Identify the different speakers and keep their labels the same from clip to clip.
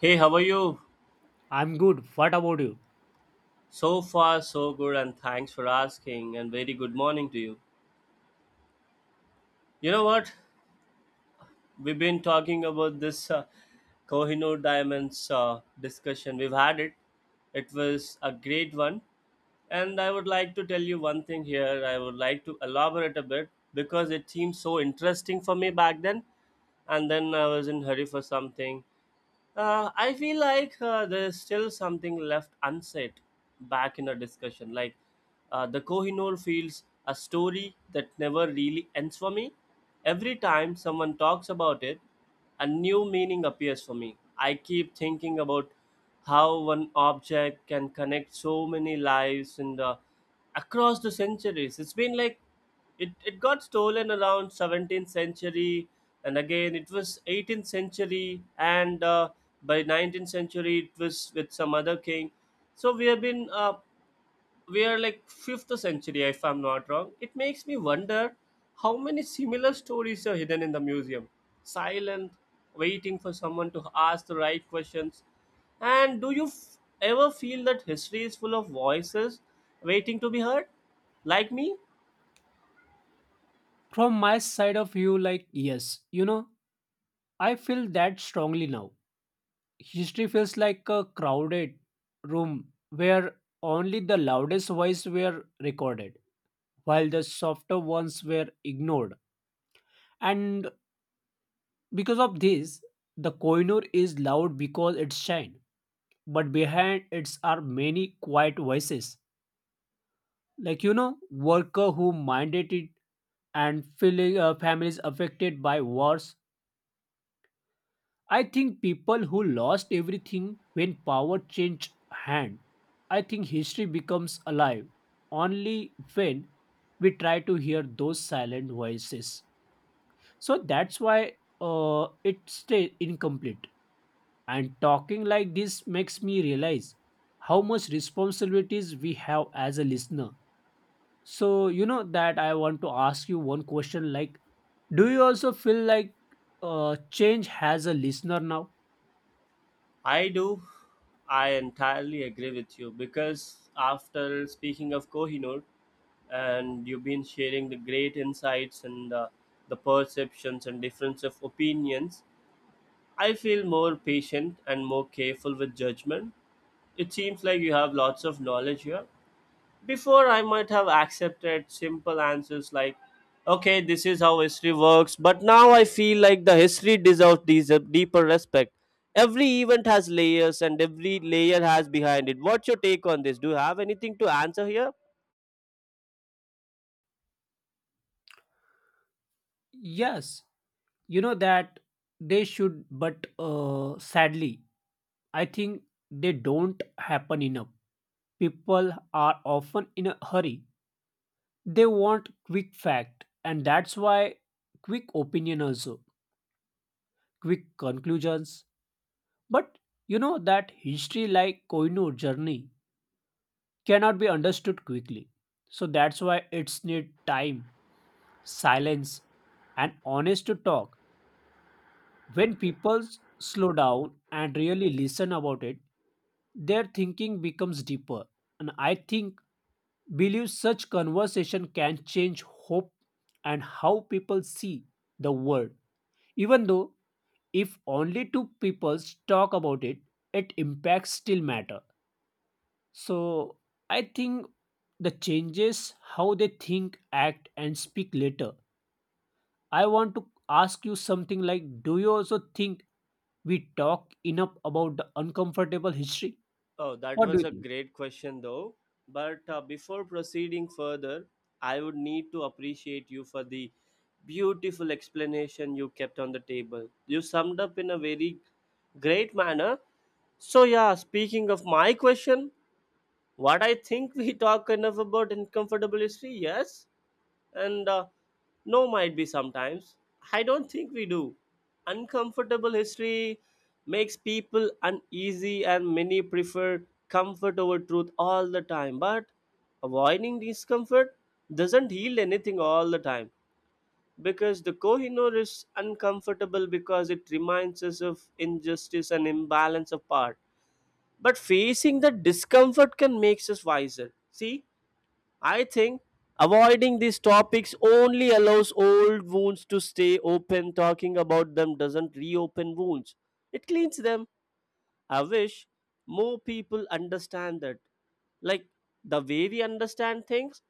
Speaker 1: Hey, how are you?
Speaker 2: I'm good. What about you?
Speaker 1: So far, so good, and thanks for asking. And very good morning to you. You know what? We've been talking about this Kohinoor Diamonds discussion. We've had it, it was a great one. And I would like to tell you one thing here. I would like to elaborate a bit because it seemed so interesting for me back then. And then I was in hurry for something. I feel like there's still something left unsaid back in a discussion. Like the Kohinoor feels a story that never really ends for me. Every time someone talks about it, a new meaning appears for me. I keep thinking about how one object can connect so many lives and across the centuries. It's been like it got stolen around 17th century, and again it was 18th century, and by 19th century it was with some other king. So we have been we are like 5th century, if I'm not wrong. It makes me wonder how many similar stories are hidden in the museum, silent, waiting for someone to ask the right questions. And do you ever feel that history is full of voices waiting to be heard, like me?
Speaker 2: From my side of view, like, yes, you know, I feel that strongly now. History feels like a crowded room where only the loudest voices were recorded, while the softer ones were ignored. And because of this, the Koinur is loud because it's shine, but behind it are many quiet voices. Like, you know, worker who minded it and feeling, families affected by wars. I think people who lost everything when power changed hand. I think history becomes alive only when we try to hear those silent voices. So that's why it stays incomplete. And talking like this makes me realize how much responsibilities we have as a listener. So you know that I want to ask you one question, like, do you also feel like change has a listener now?
Speaker 1: I do. I entirely agree with you because after speaking of Kohinoor, and you've been sharing the great insights and the perceptions and difference of opinions, I feel more patient and more careful with judgment. It seems like you have lots of knowledge here. Before, I might have accepted simple answers like, okay, this is how history works, but now I feel like the history deserves deeper respect. Every event has layers, and every layer has behind it. What's your take on this? Do you have anything to answer here?
Speaker 2: Yes, you know that they should, but sadly I think they don't happen enough. People are often in a hurry. They want quick fact, and that's why quick opinion also, quick conclusions. But you know that history like koinur journey cannot be understood quickly. So that's why it's need time, silence, and honest to talk. When people slow down and really listen about it, their thinking becomes deeper. And I think believe such conversation can change hope and how people see the world. Even though if only two people talk about it, it impacts still matter. So I think the changes how they think, act, and speak later. I want to ask you something, like, do you also think we talk enough about the uncomfortable history?
Speaker 1: Oh, that
Speaker 2: What do you
Speaker 1: was a
Speaker 2: think?
Speaker 1: great question, though. But before proceeding further, I would need to appreciate you for the beautiful explanation you kept on the table. You summed up in a very great manner. So yeah, speaking of my question, what I think, we talk enough about uncomfortable history, yes, and no, might be sometimes. I don't think we do. Uncomfortable history makes people uneasy, and many prefer comfort over truth all the time, but avoiding discomfort doesn't heal anything all the time, because the Kohinoor is uncomfortable because it reminds us of injustice and imbalance of power. But facing the discomfort can makes us wiser, see. I think avoiding these topics only allows old wounds to stay open. Talking about them doesn't reopen wounds, it cleans them. I wish more people understand that. Like, the way we understand things,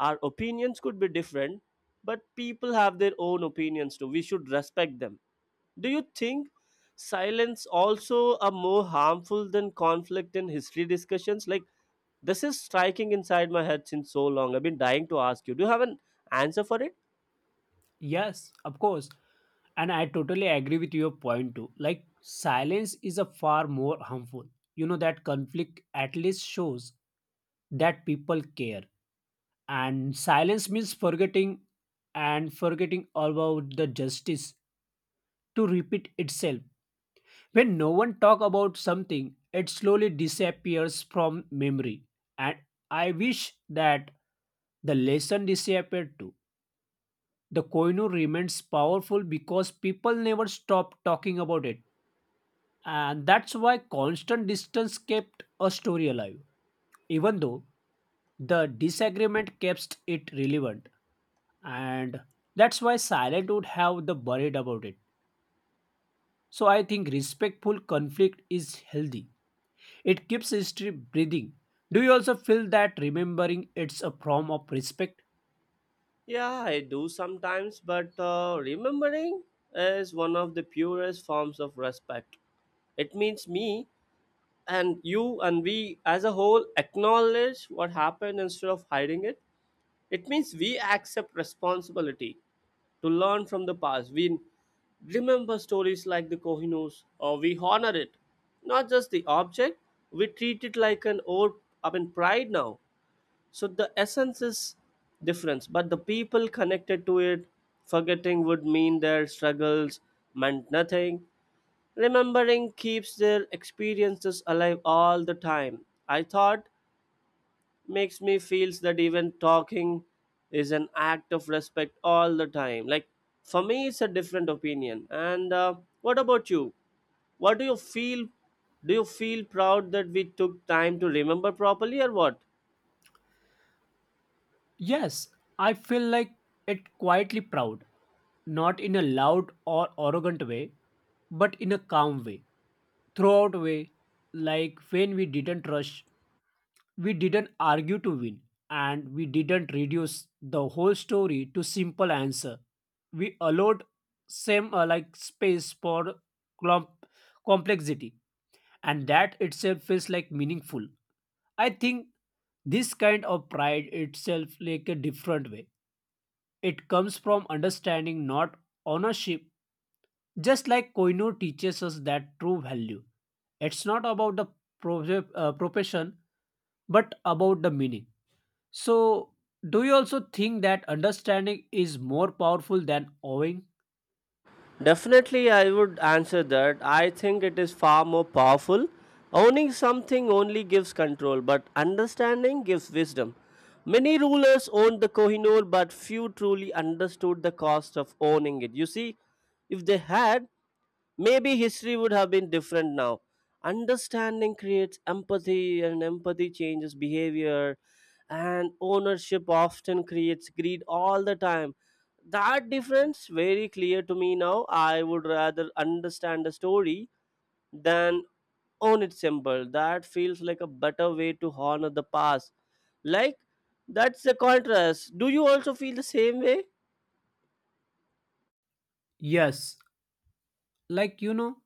Speaker 1: our opinions could be different, but people have their own opinions too. We should respect them. Do you think silence also are more harmful than conflict in history discussions? Like, this is striking inside my head since so long. I've been dying to ask you. Do you have an answer for it?
Speaker 2: Yes, of course. And I totally agree with your point too. Like, silence is a far more harmful. You know that conflict at least shows that people care. And silence means forgetting, and forgetting about the justice to repeat itself. When no one talk about something, it slowly disappears from memory. And I wish that the lesson disappeared too. The Koinu remains powerful because people never stop talking about it. And that's why constant distance kept a story alive. Even though the disagreement kept it relevant, and that's why silent would have the worried about it. So I think respectful conflict is healthy. It keeps history breathing. Do you also feel that remembering it's a form of respect?
Speaker 1: Yeah, I do sometimes, but remembering is one of the purest forms of respect. It means me and you and we as a whole acknowledge what happened instead of hiding it. It means we accept responsibility to learn from the past. We remember stories like the Kohinoors, or we honor it, not just the object. We treat it like an old, I mean, pride now. So the essence is difference, but the people connected to it, forgetting would mean their struggles meant nothing. Remembering keeps their experiences alive all the time. I thought, makes me feels that even talking is an act of respect all the time. Like, for me it's a different opinion, and what about you? What do you feel? Do you feel proud that we took time to remember properly, or what?
Speaker 2: Yes, I feel like it quietly proud, not in a loud or arrogant way, but in a calm way, throughout way, like when we didn't rush. We didn't argue to win, and we didn't reduce the whole story to simple answer. We allowed same like space for clump complexity, and that itself feels like meaningful. I think this kind of pride itself like a different way. It comes from understanding, not ownership. Just like Koino teaches us that true value. It's not about the profession, but about the meaning. So, do you also think that understanding is more powerful than owing?
Speaker 1: Definitely, I would answer that. I think it is far more powerful. Owning something only gives control, but understanding gives wisdom. Many rulers owned the Kohinoor, but few truly understood the cost of owning it. You see, if they had, maybe history would have been different now. Understanding creates empathy, and empathy changes behavior, and ownership often creates greed all the time. That difference very clear to me now. I would rather understand a story than own it symbol. That feels like a better way to honor the past. Like, that's the contrast. Do you also feel the same way?
Speaker 2: Yes, like, you know,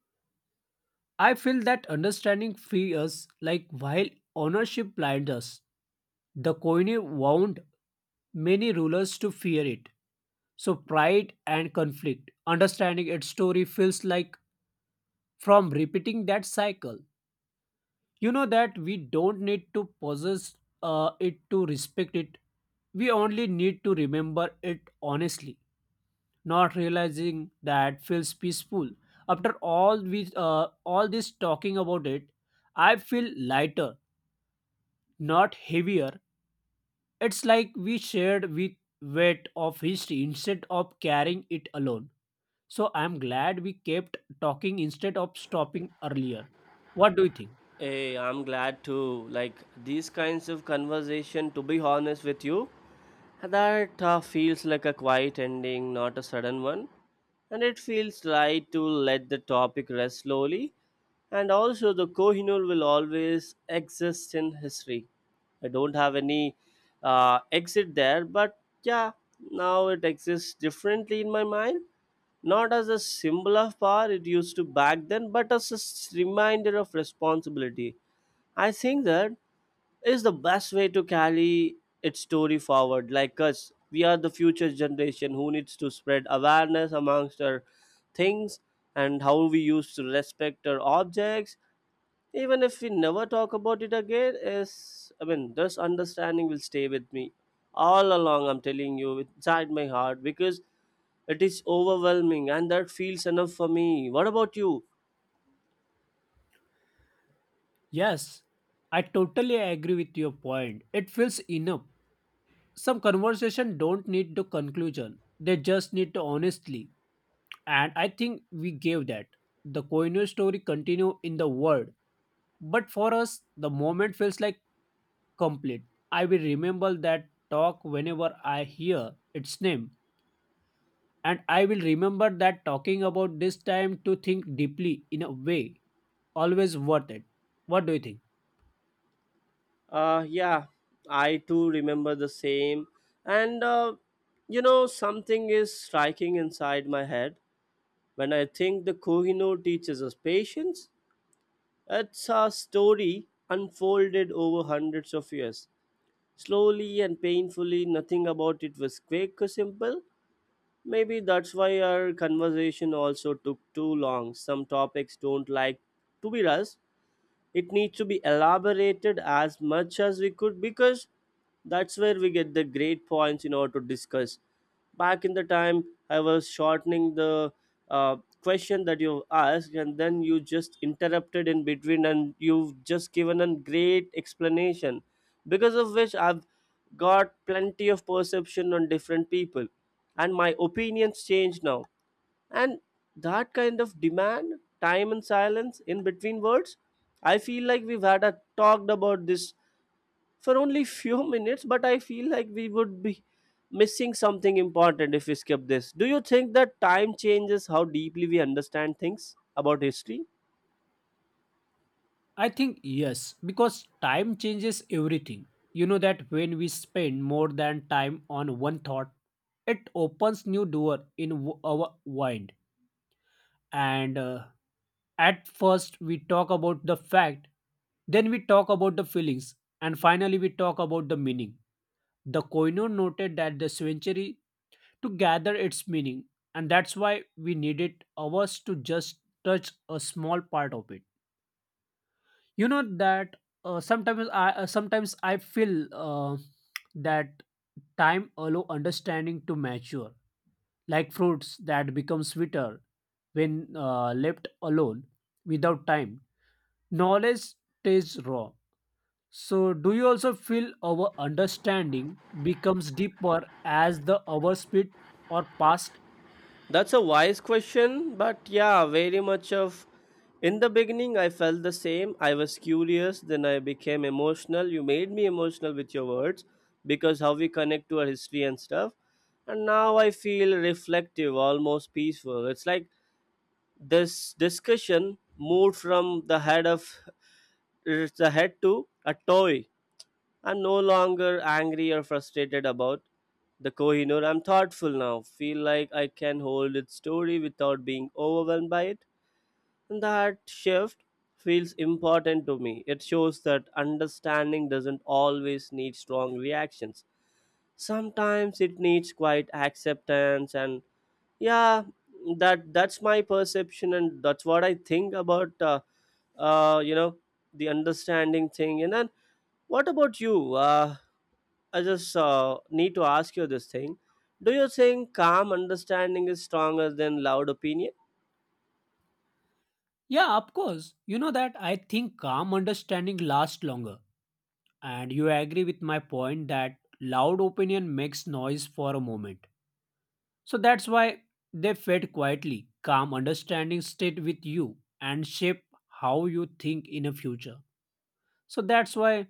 Speaker 2: I feel that understanding frees us, like, while ownership blinds us. The Koine wound many rulers to fear it. So, pride and conflict, understanding its story feels like from repeating that cycle. You know that we don't need to possess it to respect it, we only need to remember it honestly. Not realizing that feels peaceful. After all we all this talking about it, I feel lighter, not heavier. It's like we shared with weight of history instead of carrying it alone. So I'm glad we kept talking instead of stopping earlier. What do you think?
Speaker 1: Hey, I'm glad too. Like, these kinds of conversation, to be honest with you, that feels like a quiet ending, not a sudden one. And it feels right to let the topic rest slowly. And also, the Kohinoor will always exist in history. I don't have any exit there, but yeah, now it exists differently in my mind. Not as a symbol of power it used to back then, but as a reminder of responsibility. I think that is the best way to carry its story forward. Like us, we are the future generation who needs to spread awareness amongst our things and how we used to respect our objects. Even if we never talk about it again, is I mean this understanding will stay with me all along. I'm telling you, inside my heart, because it is overwhelming and that feels enough for me. What about you?
Speaker 2: Yes, I totally agree with your point. It feels enough. Some conversation don't need the conclusion. They just need the honestly. And I think we gave that. The Koino story continue in the world. But for us, the moment feels like complete. I will remember that talk whenever I hear its name. And I will remember that talking about this time to think deeply in a way always worth it. What do you think?
Speaker 1: Yeah, I too remember the same. And you know, something is striking inside my head when I think the Kohinoor teaches us patience. It's a story unfolded over hundreds of years, slowly and painfully. Nothing about it was quick or simple. Maybe that's why our conversation also took too long. Some topics don't like to be rushed. It needs to be elaborated as much as we could, because that's where we get the great points in order to discuss. Back in the time, I was shortening the uh, question that you asked, and then you just interrupted in between and you've just given a great explanation, because of which I've got plenty of perception on different people, and my opinions change now. And that kind of demand time and silence in between words. I feel like we've had a talked about this for only few minutes, but I feel like we would be missing something important if we skip this. Do you think that time changes how deeply we understand things about history?
Speaker 2: I think yes, because time changes everything. You know that when we spend more than time on one thought, it opens new door in our mind. And at first we talk about the fact, then we talk about the feelings, and finally we talk about the meaning. The Koino noted that the century to gather its meaning, and that's why we needed hours to just touch a small part of it. You know that sometimes I feel uh, that time allow understanding to mature, like fruits that become sweeter when left alone. Without time knowledge stays raw. So do you also feel our understanding becomes deeper as the hours speed or past?
Speaker 1: That's a wise question, but yeah, very much of. In the beginning, I felt the same. I was curious, then I became emotional. You made me emotional with your words, because how we connect to our history and stuff. And now I feel reflective, almost peaceful. It's like this discussion moved from the head of the head to a toy. I'm no longer angry or frustrated about the Kohinoor. I'm thoughtful now, feel like I can hold its story without being overwhelmed by it. And that shift feels important to me. It shows that understanding doesn't always need strong reactions. Sometimes it needs quiet acceptance, and yeah, that's my perception, and that's what I think about you know, the understanding thing. And then what about you? I just need to ask you this thing. Do you think calm understanding is stronger than loud opinion?
Speaker 2: Yeah, of course. You know that I think calm understanding lasts longer, and you agree with my point that loud opinion makes noise for a moment. So that's why they fade quietly. Calm understanding stayed with you and shape how you think in a future. So that's why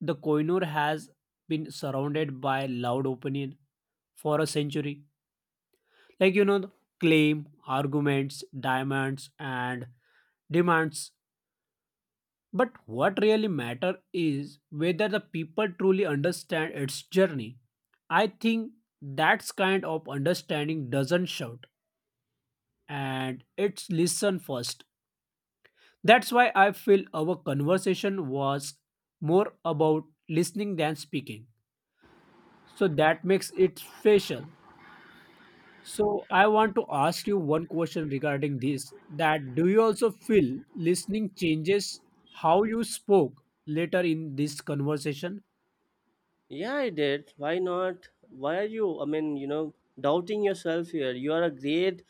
Speaker 2: the koinur has been surrounded by loud opinion for a century. Like, you know, claim, arguments, diamonds, and demands. But what really matters is whether the people truly understand its journey. I think that's kind of understanding doesn't shout, and it's listen first. That's why I feel our conversation was more about listening than speaking. So that makes it special. So I want to ask you one question regarding this, that do you also feel listening changes how you spoke later in this conversation?
Speaker 1: Yeah, I did. Why not? Why are you, I mean, you know, doubting yourself here? You are a great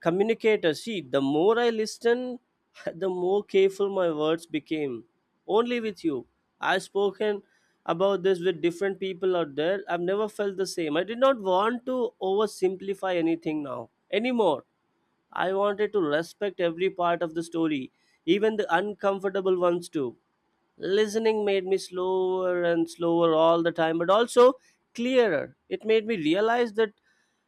Speaker 1: communicator. See, the more I listened, the more careful my words became. Only with you. I've spoken about this with different people out there. I've never felt the same. I did not want to oversimplify anything now anymore. I wanted to respect every part of the story, even the uncomfortable ones too. Listening made me slower and slower all the time, but also clearer. It made me realize that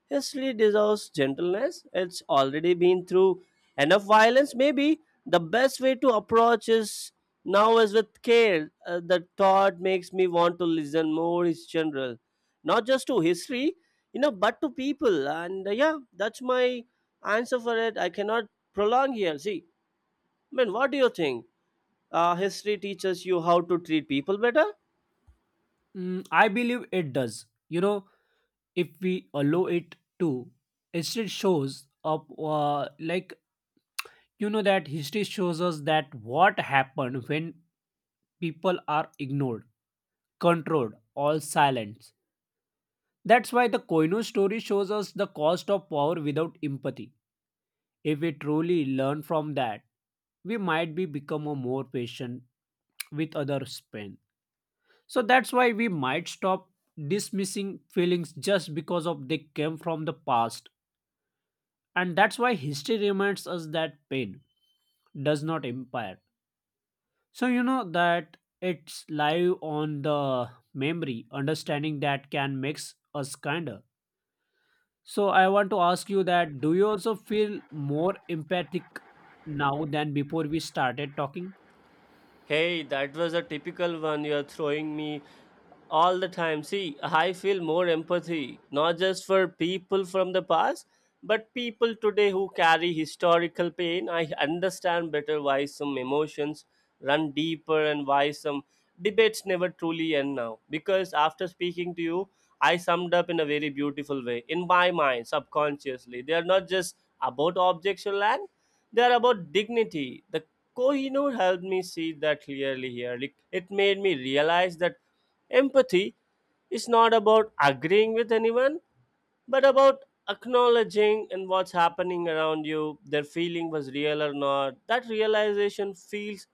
Speaker 1: history deserves gentleness. It's already been through enough violence. Maybe the best way to approach is now is with care. The thought makes me want to listen more in general, not just to history, you know, but to people. And yeah, that's my answer for it. I cannot prolong here. See, I mean, what do you think? History teaches you how to treat people better.
Speaker 2: Mm, I believe it does. You know, if we allow it to, history shows up. Like you know that history shows us that what happened when people are ignored, controlled, or silenced. That's why the Koino story shows us the cost of power without empathy. If we truly learn from that, we might be become a more patient with others' pain. So that's why we might stop dismissing feelings just because of they came from the past. And that's why history reminds us that pain does not impair. So you know that it's live on the memory, understanding that can makes us kinder. So I want to ask you that do you also feel more empathic now than before we started talking?
Speaker 1: Hey, that was a typical one you're throwing me all the time. See, I feel more empathy, not just for people from the past, but people today who carry historical pain. I understand better why some emotions run deeper and why some debates never truly end now. Because after speaking to you, I summed up in a very beautiful way, in my mind, subconsciously. They are not just about objects or land, they are about dignity. The Kohinoor helped me see that clearly here. Like, it made me realize that empathy is not about agreeing with anyone, but about acknowledging and what's happening around you, their feeling was real or not. That realization feels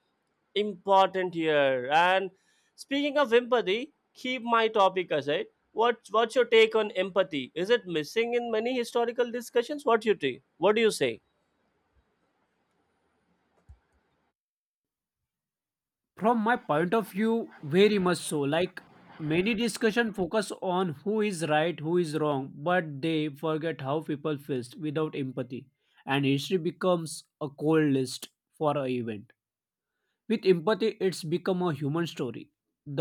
Speaker 1: important here. And speaking of empathy, keep my topic aside. What what's your take on empathy? Is it missing in many historical discussions? What you take? What do you say?
Speaker 2: From my point of view, very much so. Like, many discussion focus on who is right, who is wrong, but they forget how people felt. Without empathy and history becomes a cold list for an event. With empathy it's become a human story.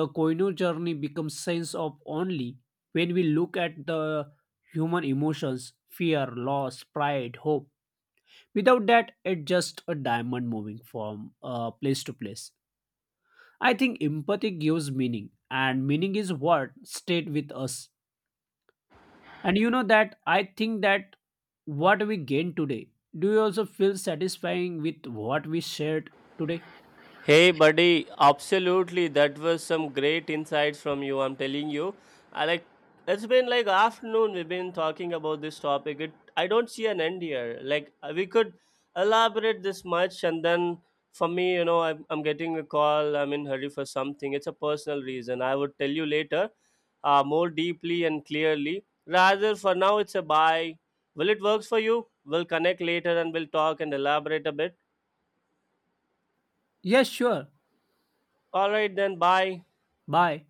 Speaker 2: The koino journey becomes sense of only when we look at the human emotions, fear, loss, pride, hope. Without that it's just a diamond moving from place to place. I think empathy gives meaning, and meaning is what stayed with us. And you know that I think that what we gain today, do you also feel satisfying with what we shared today?
Speaker 1: Hey, buddy, absolutely. That was some great insights from you. I'm telling you. I like, it's been like afternoon we've been talking about this topic. It, I don't see an end here. Like we could elaborate this much, and then for me, you know, I'm getting a call. I'm in hurry for something. It's a personal reason. I would tell you later, more deeply and clearly. Rather, for now, it's a bye. Will it works for you? We'll connect later and we'll talk and elaborate a bit.
Speaker 2: Yes, sure.
Speaker 1: All right, then. Bye.
Speaker 2: Bye.